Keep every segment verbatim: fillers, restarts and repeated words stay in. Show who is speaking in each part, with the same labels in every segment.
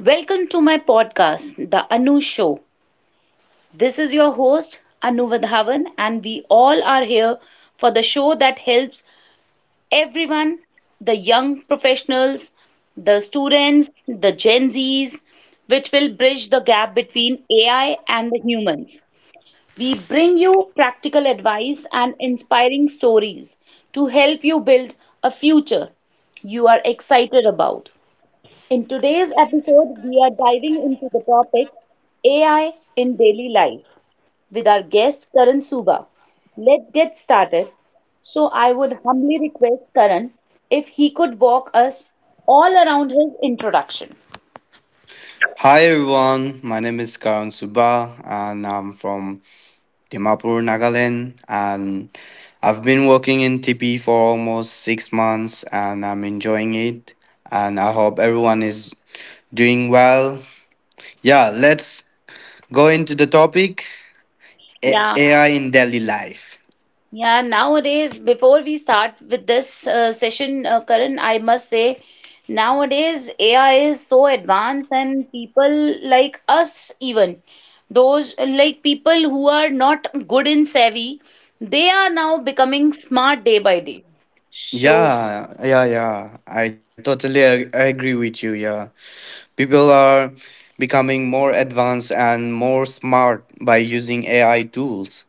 Speaker 1: Welcome to my podcast, The Anu Show. This is your host, Anu Vadhavan, and we all are here for the show that helps everyone, the young professionals, the students, the Gen Zs, which will bridge the gap between A I and the humans. We bring you practical advice and inspiring stories to help you build a future you are excited about. In today's episode, we are diving into the topic A I in daily life with our guest Karan Suba. Let's get started. So, I would humbly request Karan if he could walk us all around his introduction.
Speaker 2: Hi everyone, my name is Karan Suba and I'm from Dimapur, Nagaland, and I've been working in T P for almost six months, and I'm enjoying it, and I hope everyone is doing well. Yeah, let's go into the topic A-
Speaker 1: Yeah,
Speaker 2: AI in daily life.
Speaker 1: yeah, nowadays, before we start with this uh, session, uh, Karan, I must say, nowadays A I is so advanced, and people like us, even those like people who are not good in savvy, they are now becoming smart day by day. So,
Speaker 2: Yeah, yeah, yeah. I totally ag- agree with you. Yeah. People are becoming more advanced and more smart by using A I tools.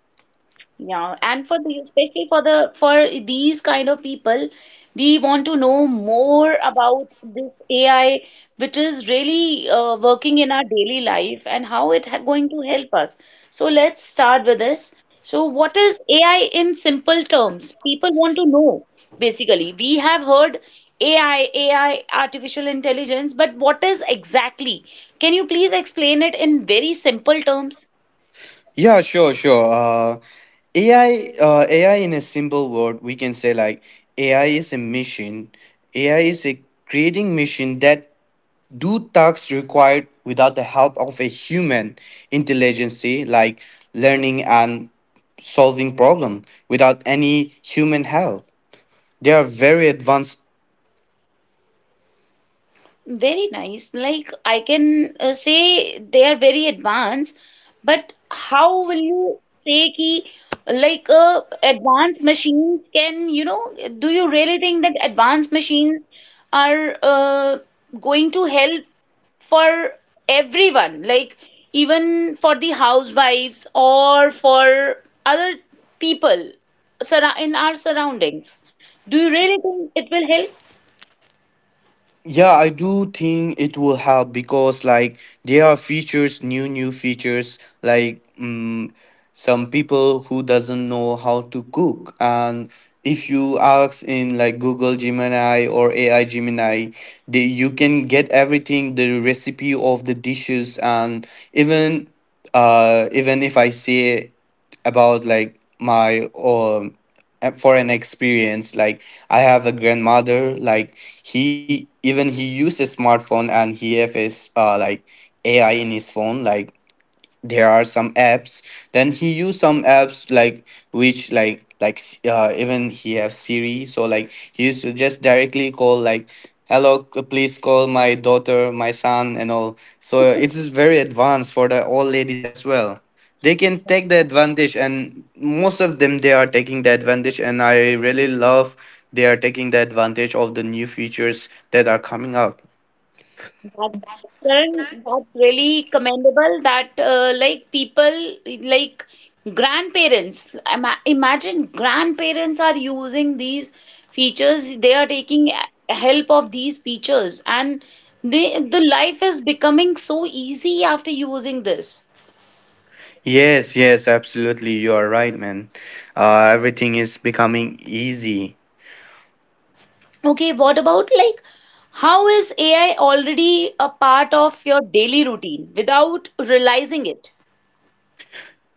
Speaker 1: yeah, and for the especially for the for these kind of people, we want to know more about this A I, which is really uh, working in our daily life and how it ha going to help us. So let's start with this. So what is A I in simple terms? People want to know basically. We have heard A I, A I, artificial intelligence, but what is exactly? Can you please explain it in very simple terms?
Speaker 2: Yeah, sure, sure. Uh, A I, uh, A I in a simple word, we can say like A I is a machine. A I is a creating machine that do tasks required without the help of a human intelligence, like learning and solving problem without any human help. They are very advanced.
Speaker 1: Very nice. Like I can uh, say they are very advanced, but how will you say ki like uh, advanced machines can, you know, do you really think that advanced machines are uh, going to help for everyone, like even for the housewives or for other people surra- in our surroundings? Do you really think it will help?
Speaker 2: Yeah, I do think it will help, because like there are features, new new features like um, some people who doesn't know how to cook, and if you ask in like Google Gemini or A I Gemini, they, you can get everything, the recipe of the dishes. And even uh even if I say about like my um uh, for an experience, like I have a grandmother like he, even he uses smartphone, and he have his uh like AI in his phone, like there are some apps, then he use some apps like which like like s- uh, even he have Siri, so like he used to just directly call like hello, c- please call my daughter, my son, and all. So it is very advanced for the old ladies as well, they can take the advantage, and most of them they are taking the advantage, and I really love, they are taking the advantage of the new features that are coming up.
Speaker 1: That's Karan, that's really commendable that uh, like people like grandparents ima- imagine grandparents are using these features, they are taking a- help of these features and they the life is becoming so easy after using this.
Speaker 2: Yes, yes, absolutely. You are right, man. Uh, everything is becoming easy.
Speaker 1: Okay, what about like how is A I already a part of your daily routine without realizing it?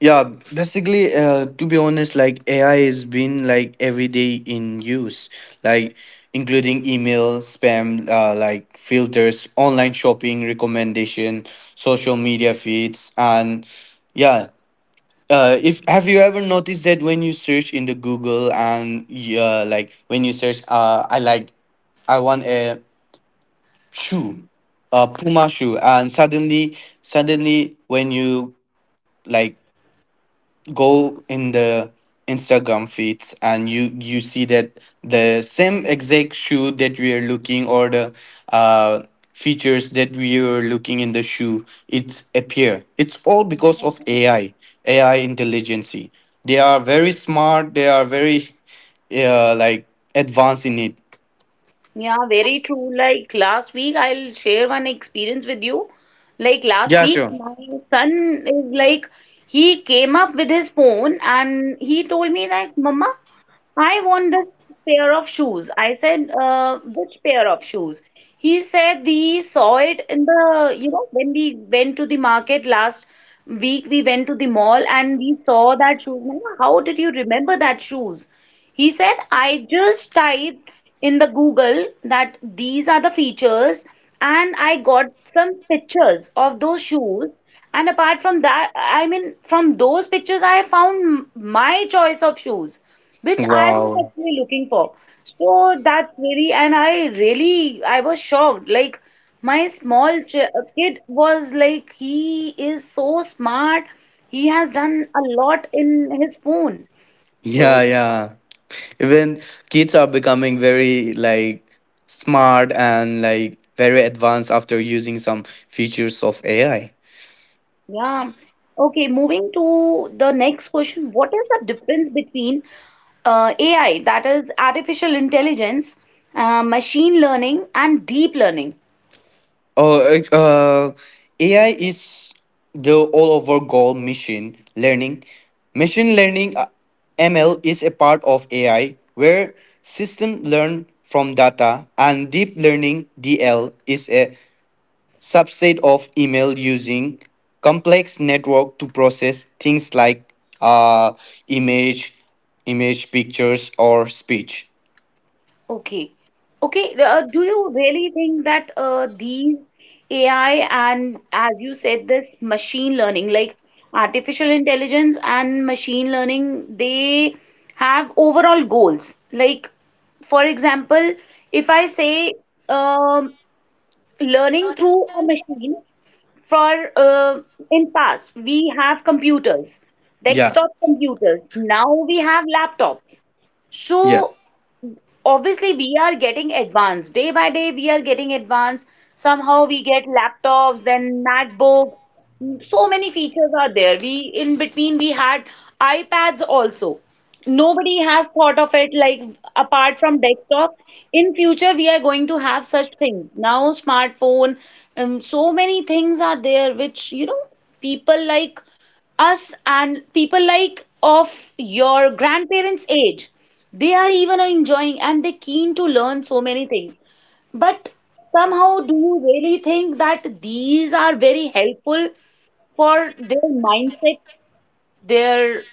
Speaker 2: Yeah, basically, uh, to be honest, like A I has been like every day in use, like including email, spam, uh, like filters, online shopping recommendation, social media feeds, and yeah. Uh, if have you ever noticed that when you search in the Google, and uh, like when you search, uh, I like I want a shoe, a Puma shoe, and suddenly, suddenly, when you like go in the Instagram feeds, and you you see that the same exact shoe that we are looking, or the uh features that we are looking in the shoe, it appear, it's all because of AI, AI intelligence. They are very smart, they are very uh, like advanced in it.
Speaker 1: Yeah, very true. Like last week, I'll share one experience with you. Like last
Speaker 2: Yeah,
Speaker 1: week,
Speaker 2: sure.
Speaker 1: my son is like, he came up with his phone and he told me that, Mama, I want this pair of shoes. I said, uh, which pair of shoes? He said we saw it in the, you know, when we went to the market last week, we went to the mall and we saw that shoes. Mama, how did you remember that shoes? He said, I just typed in the Google that these are the features and I got some pictures of those shoes. And apart from that, I mean, from those pictures, I found m- my choice of shoes, which I was
Speaker 2: Wow.
Speaker 1: actually looking for. So that's really, and I really, I was shocked. Like, my small ch uh, kid was like, he is so smart. He has done a lot in his phone.
Speaker 2: Yeah,
Speaker 1: So
Speaker 2: yeah. Even kids are becoming very like smart and like very advanced after using some features of A I.
Speaker 1: yeah. Okay, moving to the next question. What is the difference between uh, A I, that is artificial intelligence, uh, machine learning, and deep learning?
Speaker 2: Oh, uh, uh, A I is the all over goal machine learning. Machine learning uh, M L is a part of A I where system learn from data, and deep learning D L is a subset of email using complex network to process things like uh image image pictures or speech.
Speaker 1: Okay. Okay, uh, do you really think that uh, these A I and, as you said, this machine learning, like artificial intelligence and machine learning, they have overall goals? Like, for example, if I say, um, learning through a machine for uh, in past we have computers,
Speaker 2: Yeah,
Speaker 1: desktop computers, now we have laptops.
Speaker 2: yeah,
Speaker 1: So obviously we are getting advanced day by day, we are getting advanced. Somehow we get laptops, then MacBooks, so many features are there. We in between we had iPads also, nobody has thought of it, like apart from desktop, in future we are going to have such things. Now smartphone, um, so many things are there which you know people like us and people like of your grandparents' age, they are even enjoying and they keen to learn so many things. But somehow, do you really think that these are very helpful for their mindset, their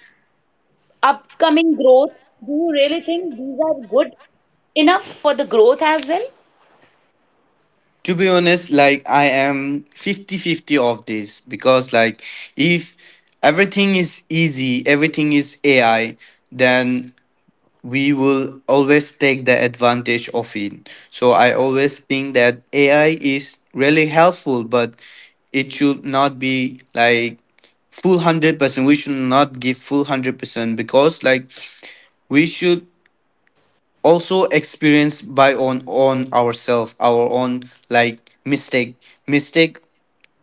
Speaker 1: upcoming growth? Do you really think these are good enough for the growth as well?
Speaker 2: to be honest, like I am fifty-fifty of this, because like if everything is easy, everything is AI, then we will always take the advantage of it. So I always think that A I is really helpful, but it should not be like full one hundred percent. We should not give full one hundred percent, because like we should also experience by on on ourselves, our own like mistake mistake.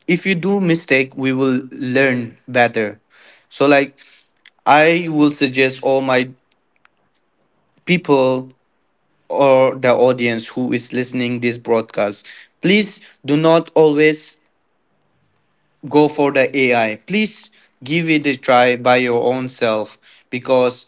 Speaker 2: If you do mistake, we will learn better. So like I will suggest all my people or the audience who is listening this broadcast, please do not always go for the AI. Please give it a try by your own self. Because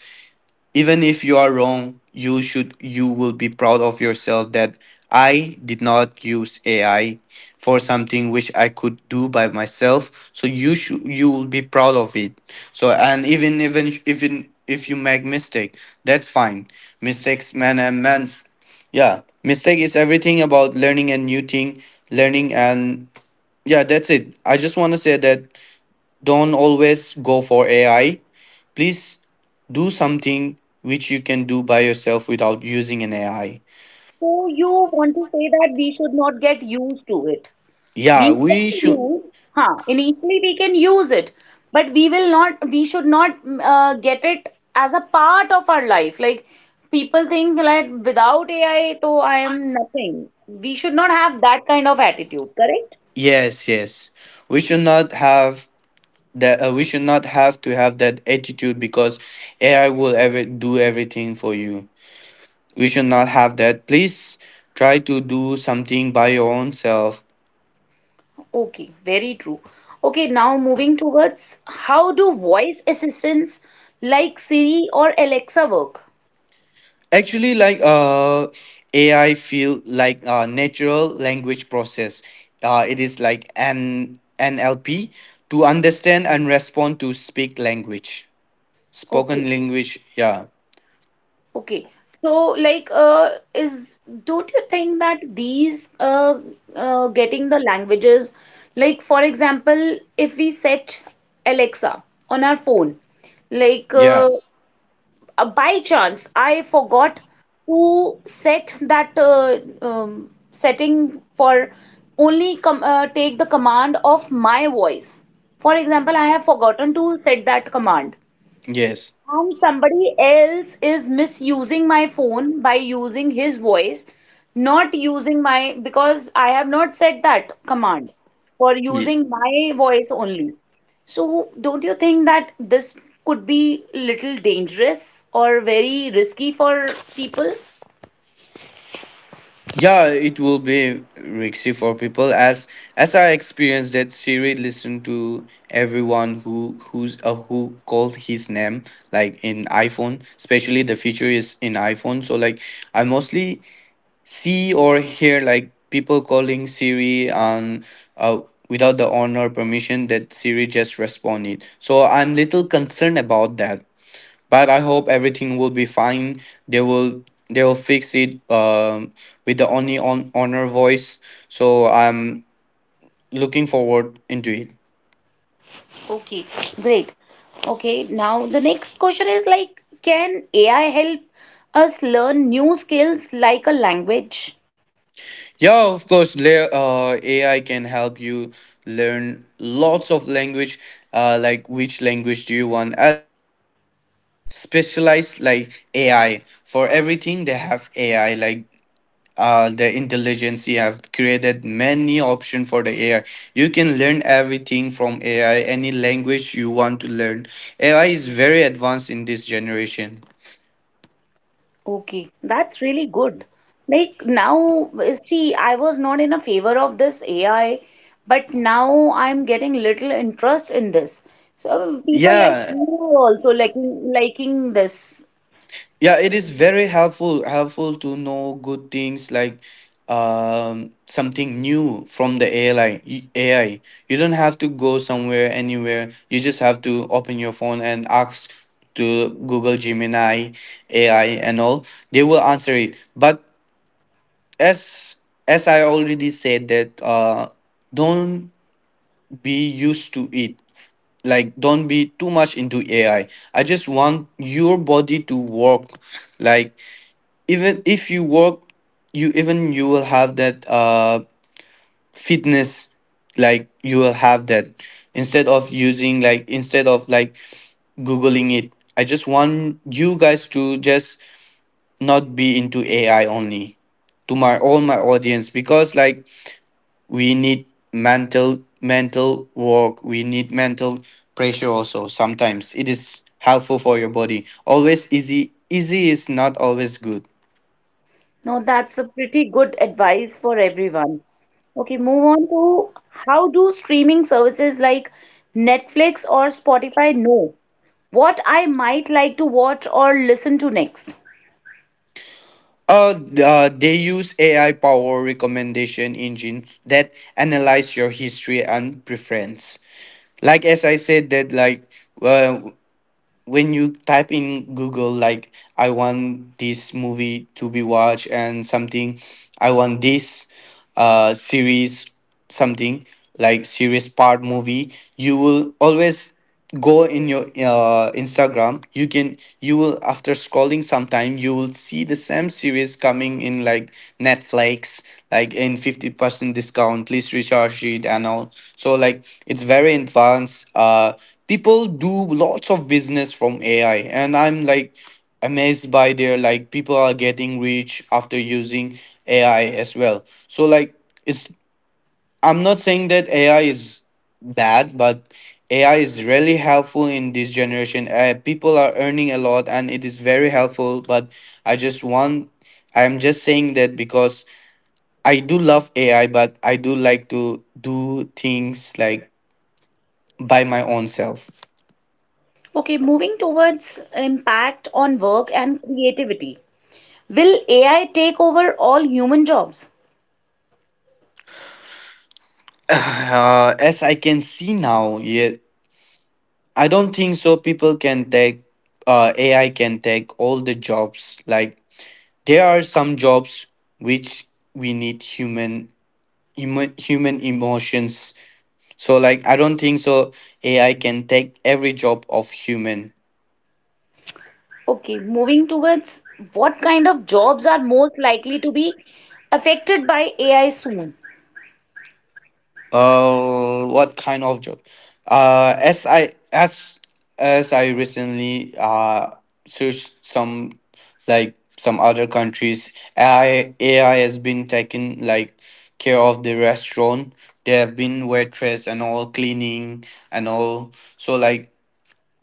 Speaker 2: even if you are wrong, you should, you will be proud of yourself, that I did not use A I for something which I could do by myself. So you should, you will be proud of it. So and even even even if you make mistake, that's fine. Mistakes man and man, yeah. Mistake is everything about learning a new thing, learning, and yeah, that's it. I just want to say that don't always go for A I. Please do something which you can do by yourself without using an A I.
Speaker 1: So you want to say that we should not get used to it. We
Speaker 2: Yeah, we
Speaker 1: can
Speaker 2: should.
Speaker 1: use, huh, initially we can use it, but we will not, we should not, mm, uh, get it as a part of our life, like people think like without A I so I am nothing. We should not have that kind of attitude, correct?
Speaker 2: Yes, yes. We should not have that. Uh, we should not have to have that attitude, because A I will ever do everything for you. We should not have that. Please try to do something by your own self.
Speaker 1: Okay, very true. Okay, now moving towards how do voice assistants like Siri or Alexa work.
Speaker 2: Actually, like uh, A I feel like uh, natural language process. Uh, it is like an N L P to understand and respond to speak language,
Speaker 1: Okay.
Speaker 2: spoken language. Yeah,
Speaker 1: Okay. So, like, uh, is, don't you think that these uh, uh, getting the languages, like, for example, if we set Alexa on our phone, like,
Speaker 2: yeah,
Speaker 1: uh, uh, by chance, I forgot to set that uh, um, setting for only com uh, take the command of my voice. For example, I have forgotten to set that command
Speaker 2: yes.
Speaker 1: and somebody else is misusing my phone by using his voice, not using my, because I have not said that command for
Speaker 2: Ye-
Speaker 1: using my voice only. So, don't you think that this could be little dangerous or very risky for people?
Speaker 2: Yeah, it will be risky for people as as I experienced that Siri listened to everyone who who's uh, who called his name, like in iPhone, especially the feature is in iPhone. So like I mostly see or hear like people calling Siri, and uh, without the owner permission, that Siri just responded. So I'm little concerned about that. But I hope everything will be fine. They will they will fix it, um, with the only on owner voice. So I'm looking forward into it.
Speaker 1: Okay, great. Okay, now the next question is like, can A I help us learn new skills like a language?
Speaker 2: Yeah, of course, le- uh, A I can help you learn lots of language. Uh, like which language do you want? As they are specialized like A I for everything, they have A I like uh, the intelligence you have created many option for the A I. You can learn everything from A I, any language you want to learn. A I is very advanced in this generation.
Speaker 1: Okay, that's really good. Like now, see, I was not in a favor of this A I, but now I'm getting little interest in this. So people like
Speaker 2: Yeah,
Speaker 1: you are also liking liking this.
Speaker 2: yeah, it is very helpful helpful to know good things like um something new from the A I A I. You don't have to go somewhere anywhere. You just have to open your phone and ask to Google Gemini A I and all. They will answer it. But as as I already said that uh don't be used to it. Like don't be too much into A I. I I just want your body to work, like even if you work, you even you will have that uh fitness, like you will have that, instead of using like instead of like googling it, I just want you guys to just not be into AI only, to my all my audience. Because like we need mental mental work, we need mental pressure also, sometimes it is helpful for your body. Always easy, easy is not always good.
Speaker 1: Now that's a pretty good advice for everyone. Okay, move on to how do streaming services like Netflix or Spotify know what I might like to watch or listen to next?
Speaker 2: Uh, th- uh, they use A I power recommendation engines that analyze your history and preference. Like as I said that like uh, when you type in Google, like I want this movie to be watched, and something I want this uh series something like series part movie, you will always go in your uh, Instagram, you can, you will, after scrolling sometime, you will see the same series coming in like Netflix, like in fifty percent discount, please recharge it, and all. So like it's very advanced, uh people do lots of business from AI, and I'm like amazed by their, like people are getting rich after using AI as well. So like it's I'm not saying that A I is bad, but A I is really helpful in this generation. Uh, people are earning a lot, and it is very helpful. But I just want, I'm just saying that, because I do love A I, but I do like to do things like by my own self.
Speaker 1: Okay, moving towards impact on work and creativity. Will A I take over all human jobs?
Speaker 2: Uh, as I can see now, yeah, I don't think so. People can take, uh, A I can take all the jobs. Like there are some jobs which we need human, human human emotions. So like I don't think so AI can take every job of human.
Speaker 1: Okay, moving towards what kind of jobs are most likely to be affected by A I soon?
Speaker 2: uh what kind of job? uh as i as as I recently uh searched some like some other countries, ai AI has been taking like care of the restaurant. They have been waitress, and all cleaning, and all. So like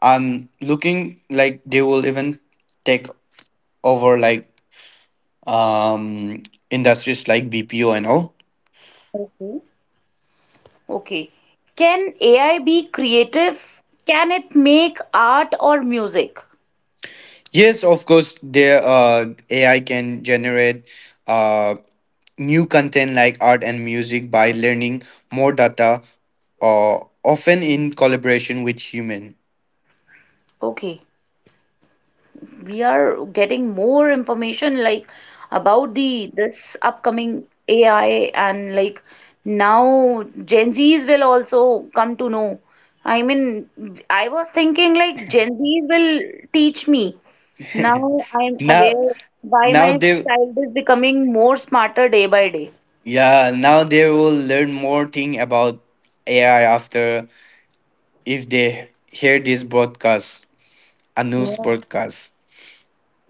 Speaker 2: I'm looking like they will even take over like um, industries like B P O and all.
Speaker 1: Okay. Okay. Can A I be creative? Can it make art or music?
Speaker 2: Yes, of course, there uh, A I can generate uh, new content like art and music by learning more data, uh, often in collaboration with human.
Speaker 1: Okay. We are getting more information like about the this upcoming A I and like now Gen Zs will also come to know. I mean, I was thinking like Gen Z will teach me. Now I'm
Speaker 2: Now,
Speaker 1: aware why my
Speaker 2: now they,
Speaker 1: child is becoming more smarter day by day.
Speaker 2: yeah, now they will learn more thing about A I after, if they hear this broadcast, a news
Speaker 1: Yeah.
Speaker 2: broadcast.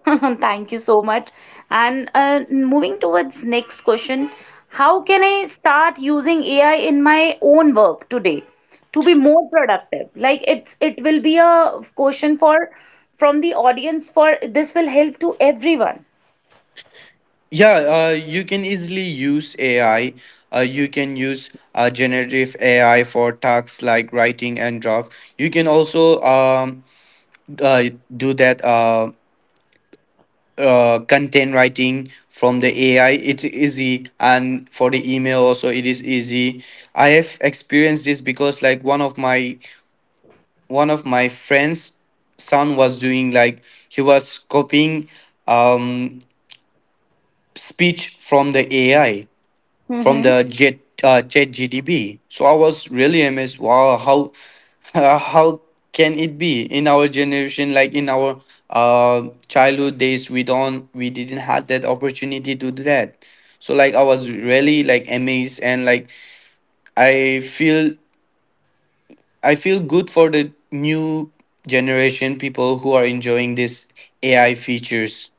Speaker 1: Thank you so much. And uh, moving towards next question, how can I start using A I in my own work today to be more productive? Like it's it will be a question for from the audience, for this will help to everyone.
Speaker 2: Yeah, uh, you can easily use A I. Uh, you can use uh, generative A I for tasks like writing and draft. You can also um, uh, do that uh, uh, content writing from the A I. It's easy, and for the email also it is easy. I have experienced this because like one of my one of my friends' son was doing like he was copying um, speech from the A I, from
Speaker 1: Mm-hmm.
Speaker 2: the jet uh, chat gdb. So I was really amazed, wow, how how can it be in our generation, like in our uh childhood days, we don't we didn't have that opportunity to do that. So like I was really like amazed, and like i feel I feel good for the new generation people who are enjoying this AI features.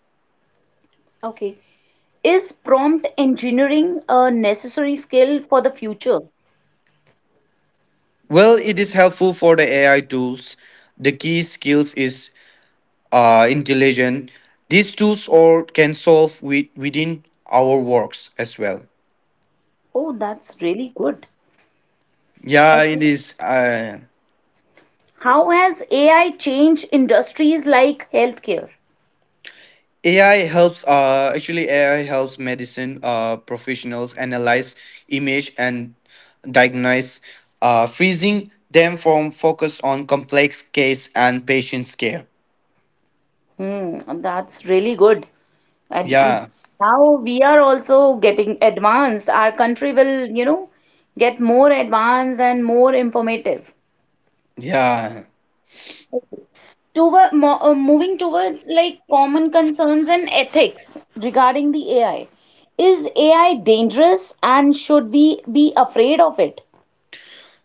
Speaker 1: Okay. Is prompt engineering a necessary skill for the future?
Speaker 2: Well, it is helpful for the AI tools. The key skills is uh, intelligent. These tools or can solve with, within our works as well.
Speaker 1: Oh, that's really good.
Speaker 2: Yeah, it
Speaker 1: Okay.
Speaker 2: is. Uh,
Speaker 1: How has A I changed industries like healthcare?
Speaker 2: A I helps. Uh, actually, A I helps medicine uh, professionals analyze image and diagnose, uh, freezing them from focus on complex case and patient's care.
Speaker 1: Hmm, that's really good. And mm,
Speaker 2: Yeah,
Speaker 1: now we are also getting advanced. Our country will, you know, get more advanced and more informative.
Speaker 2: yeah.
Speaker 1: Toward, mo uh, Moving towards like common concerns and ethics regarding the A I. Is A I dangerous and should we be afraid of it?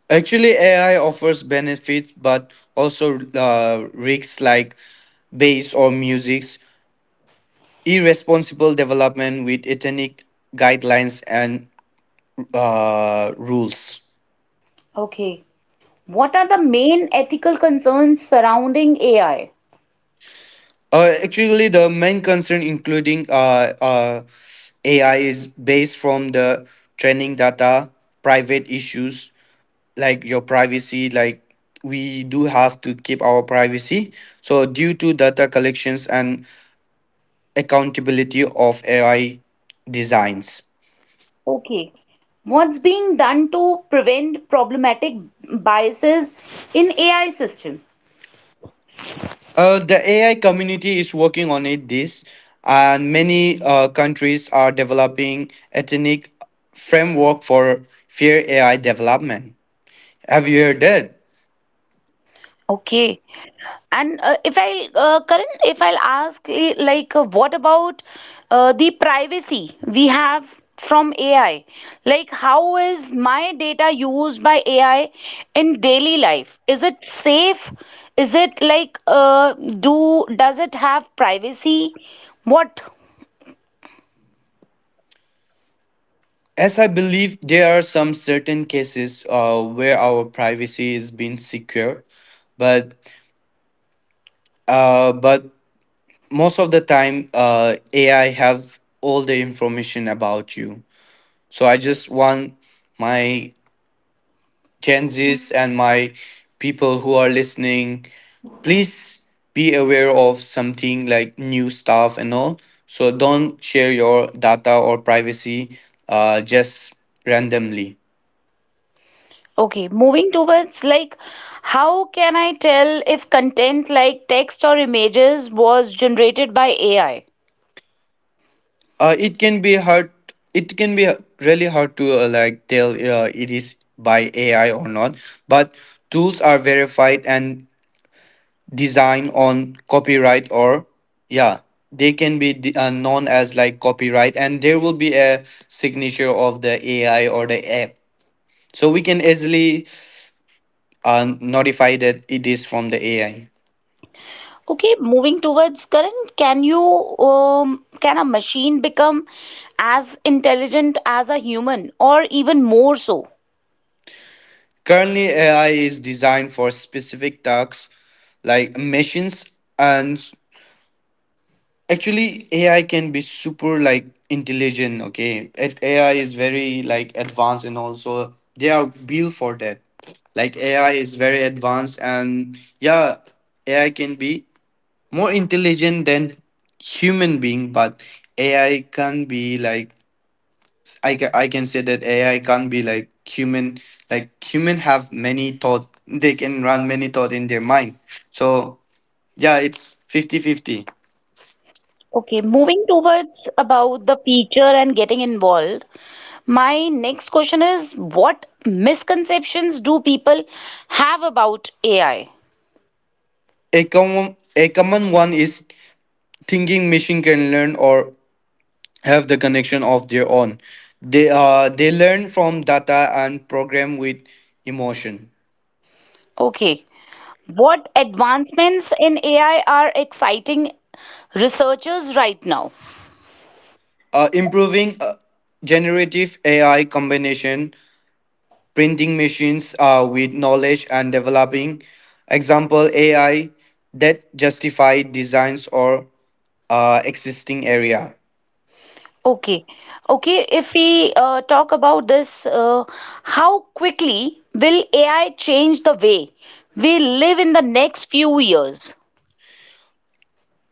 Speaker 2: Actually, A I offers benefits, but also uh, risks like bass or music irresponsible development with ethnic guidelines and uh, rules.
Speaker 1: Okay. What are the main ethical concerns surrounding A I?
Speaker 2: Uh, actually, the main concern including uh, uh, A I is based from the training data, private issues like your privacy, like we do have to keep our privacy. So due to data collections and accountability of A I designs.
Speaker 1: Okay. What's being done to prevent problematic biases in A I system?
Speaker 2: Uh, the A I community is working on it this, and many uh, countries are developing ethnic framework for fair A I development. Have you heard that?
Speaker 1: Okay. And uh, if I, uh, Karan, if I'll ask, eh, like, uh, what about uh, the privacy we have from A I? Like, how is my data used by A I in daily life? Is it safe? Is it like, uh, do, does it have privacy? What?
Speaker 2: As I believe there are some certain cases uh, where our privacy is being secure, but uh, but most of the time uh, A I have all the information about you. So I just want my Gen Zs and my people who are listening please be aware of something like new stuff and all. So don't share your data or privacy uh, just randomly.
Speaker 1: Okay, moving towards like how can I tell if content like text or images was generated by A I?
Speaker 2: Uh, it can be hard. It can be really hard to uh, like tell uh, it is by A I or not. But tools are verified and designed on copyright or yeah they can be d- uh, known as like copyright, and there will be a signature of the AI or the app, so we can easily are notified that it is from the A I.
Speaker 1: Okay, moving towards current, can you um, can a machine become as intelligent as a human or even more so?
Speaker 2: Currently, A I is designed for specific tasks like machines, and actually, A I can be super like intelligent. Okay, It- A I is very like advanced, and also they are built for that. Like A I is very advanced, and yeah, A I can be more intelligent than human being, but A I can be like I can, I can say that A I can't be like human. Like human have many thought. They can run many thought in their mind. So yeah, it's fifty fifty.
Speaker 1: Okay, moving towards about the future and getting involved. My next question is what misconceptions do people have about A I?
Speaker 2: A common a common one is thinking machine can learn or have the connection of their own. They uh they learn from data and program with emotion.
Speaker 1: Okay. What advancements in A I are exciting researchers right now?
Speaker 2: Uh, improving uh, generative A I combination printing machines uh, with knowledge, and developing example AI that justify designs or uh, existing area.
Speaker 1: Okay, okay. If we uh, talk about this, uh, how quickly will A I change the way we live in the next few years?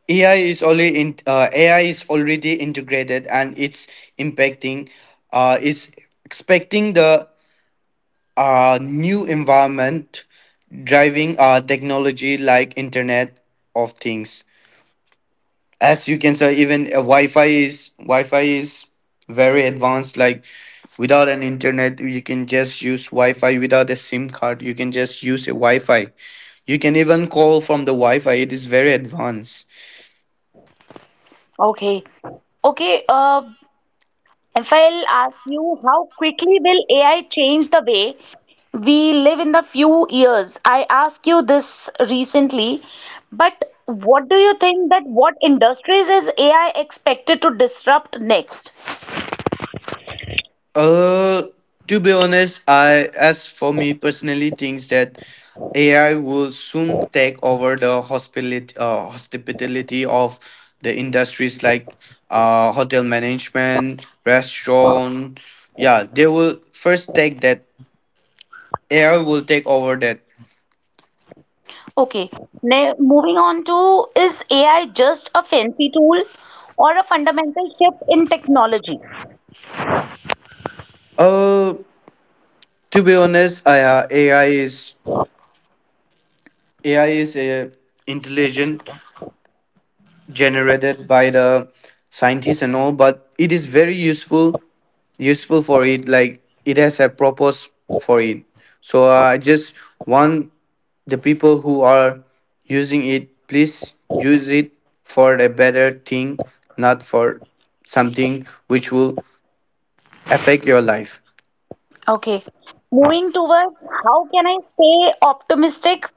Speaker 2: Ai is only in, uh, ai is already integrated and it's impacting, uh, is expecting the uh, new environment, driving uh, technology like internet of things. As you can say, even a wi-fi is wi-fi is very advanced. Like without an internet you can just use wi-fi, without a sim card you can just use a wi-fi, you can even call from the wi-fi. It is very advanced.
Speaker 1: Okay, okay. Uh, If I'll ask you, how quickly will A I change the way we live in the few years? I asked you this recently, but what do you think that what industries is A I expected to disrupt next?
Speaker 2: Uh, to be honest, I as for me personally thinks that A I will soon take over the hospitality uh, hospitality of the industries like uh hotel management, restaurant. Yeah, they will first take that. A I will take over that.
Speaker 1: Okay, now moving on to is A I just a fancy tool or a fundamental shift in technology?
Speaker 2: Uh, to be honest, I, uh, A I is A I is a intelligent generated by the scientists and all, but it is very useful useful for it. Like it has a purpose for it. So uh, I just want the people who are using it please use it for a better thing, not for something which will affect your life.
Speaker 1: Okay. Moving towards how can I stay optimistic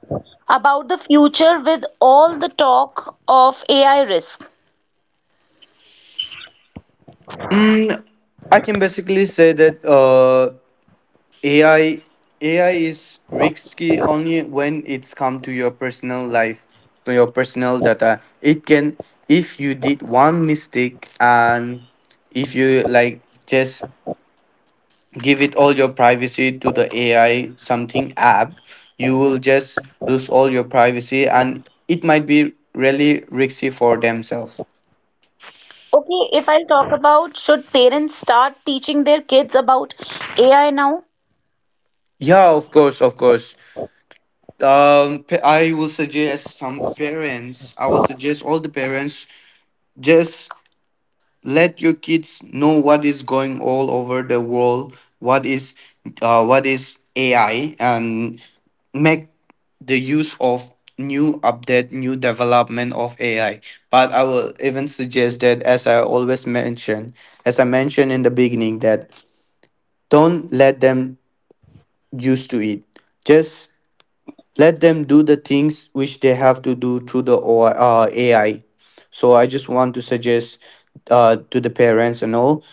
Speaker 1: about the future with all the talk of A I risk?
Speaker 2: Mm, I can basically say that uh, A I A I is risky only when it's come to your personal life, to your personal data. It can, if you did one mistake and if you like just give it all your privacy to the A I something app, you will just lose all your privacy and it might be really risky for themselves.
Speaker 1: Okay, if I'll talk about should parents start teaching their kids about A I now?
Speaker 2: Yeah, of course, of course. Um, pa- I will suggest some parents. I will suggest all the parents just let your kids know what is going all over the world, what is uh, what is A I, and make the use of new update, new development of A I. But I will even suggest that, as I always mention, as I mentioned in the beginning, that don't let them used to it. Just let them do the things which they have to do through the O- uh, A I. So I just want to suggest uh, to the parents and all,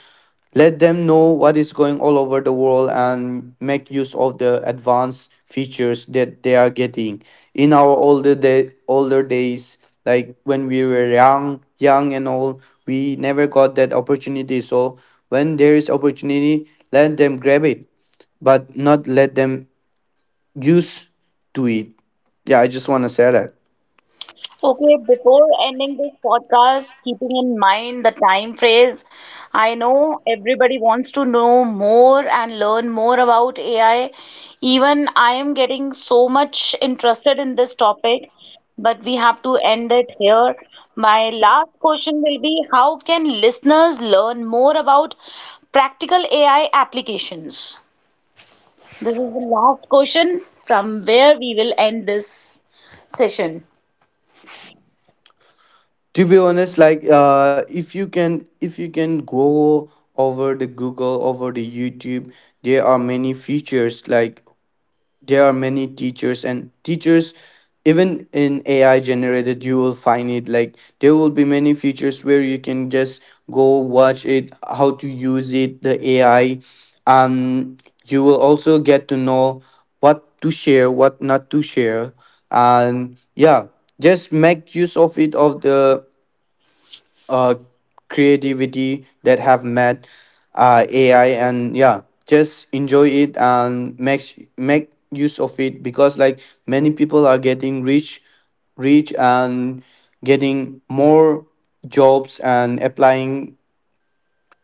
Speaker 2: let them know what is going all over the world, and make use of the advanced features that they are getting. In our older day, older days, like when we were young, young and all, we never got that opportunity. So when there is opportunity, let them grab it, but not let them use to it. Yeah, I just want to say that.
Speaker 1: Okay, before ending this podcast, keeping in mind the time phrase, I know everybody wants to know more and learn more about A I. Even I am getting so much interested in this topic, but we have to end it here. My last question will be, how can listeners learn more about practical A I applications? This is the last question from where we will end this session.
Speaker 2: To be honest, like uh if you can if you can go over the Google, over the YouTube, there are many features. Like there are many teachers and teachers even in AI generated, you will find it. Like there will be many features where you can just go watch it, how to use it the AI. Um, you will also get to know what to share, what not to share. And yeah, just make use of it, of the uh, creativity that have met uh, A I. And yeah, just enjoy it and make make use of it. Because like many people are getting rich, rich and getting more jobs and applying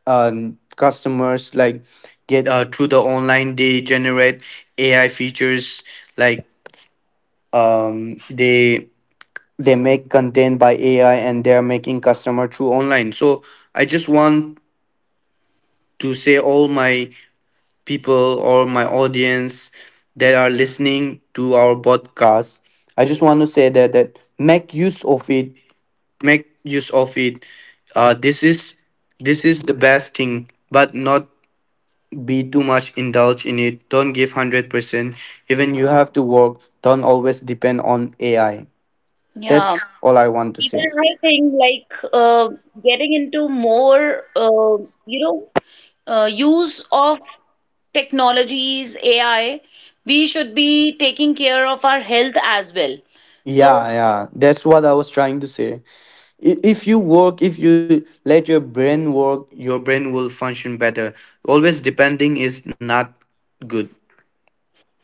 Speaker 2: um, customers like get uh, through the online. They generate A I features like um they they make content by A I and they're making customer through online. So I just want to say all my people or my audience that are listening to our podcast, I just want to say that that make use of it make use of it. Uh, this is this is the best thing, but not be too much indulged in it. Don't give one hundred percent. Even you have to work, don't always depend on AI. That's
Speaker 1: Yeah.
Speaker 2: all I want to say.
Speaker 1: Even I think like uh, getting into more, uh, you know, uh, use of technologies, A I, we should be taking care of our health as well. So,
Speaker 2: Yeah, yeah, that's what I was trying to say. I- If you work, if you let your brain work, your brain will function better. Always depending is not good.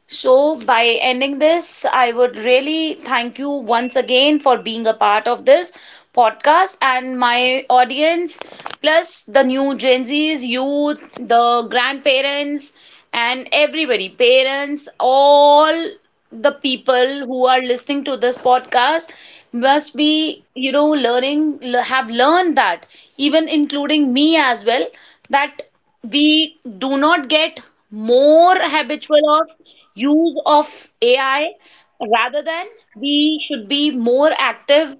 Speaker 1: so, by ending this, I would really thank you once again for being a part of this podcast and my audience, plus the new Gen Zs, youth, the grandparents, and everybody parents, all the people who are listening to this podcast must be you know learning, have learned that, even including me as well, that we do not get more habitual of use of A I, rather than we should be more active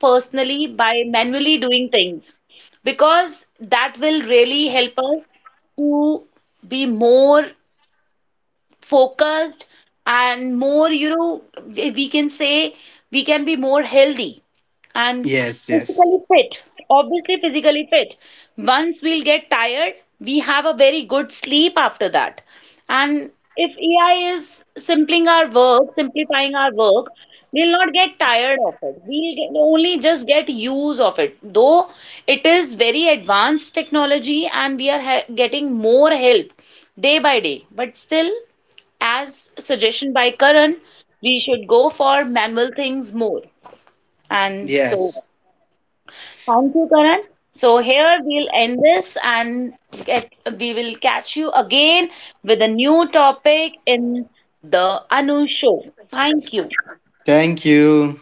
Speaker 1: personally by manually doing things, because that will really help us to be more focused and more, you know, we we can say we can be more healthy and
Speaker 2: Yes, yes,
Speaker 1: physically fit, obviously physically fit. Once we'll get tired, we have a very good sleep after that, and if AI is simplifying our work simplifying our work we'll not get tired of it, we'll get, only just get use of it. Though it is very advanced technology and we are ha- getting more help day by day, but still, as suggestion by Karan, we should go for manual things more. And
Speaker 2: yes.
Speaker 1: so, thank you, Karan. So here we'll end this, and get, we will catch you again with a new topic in the Anu Show. Thank you.
Speaker 2: Thank you.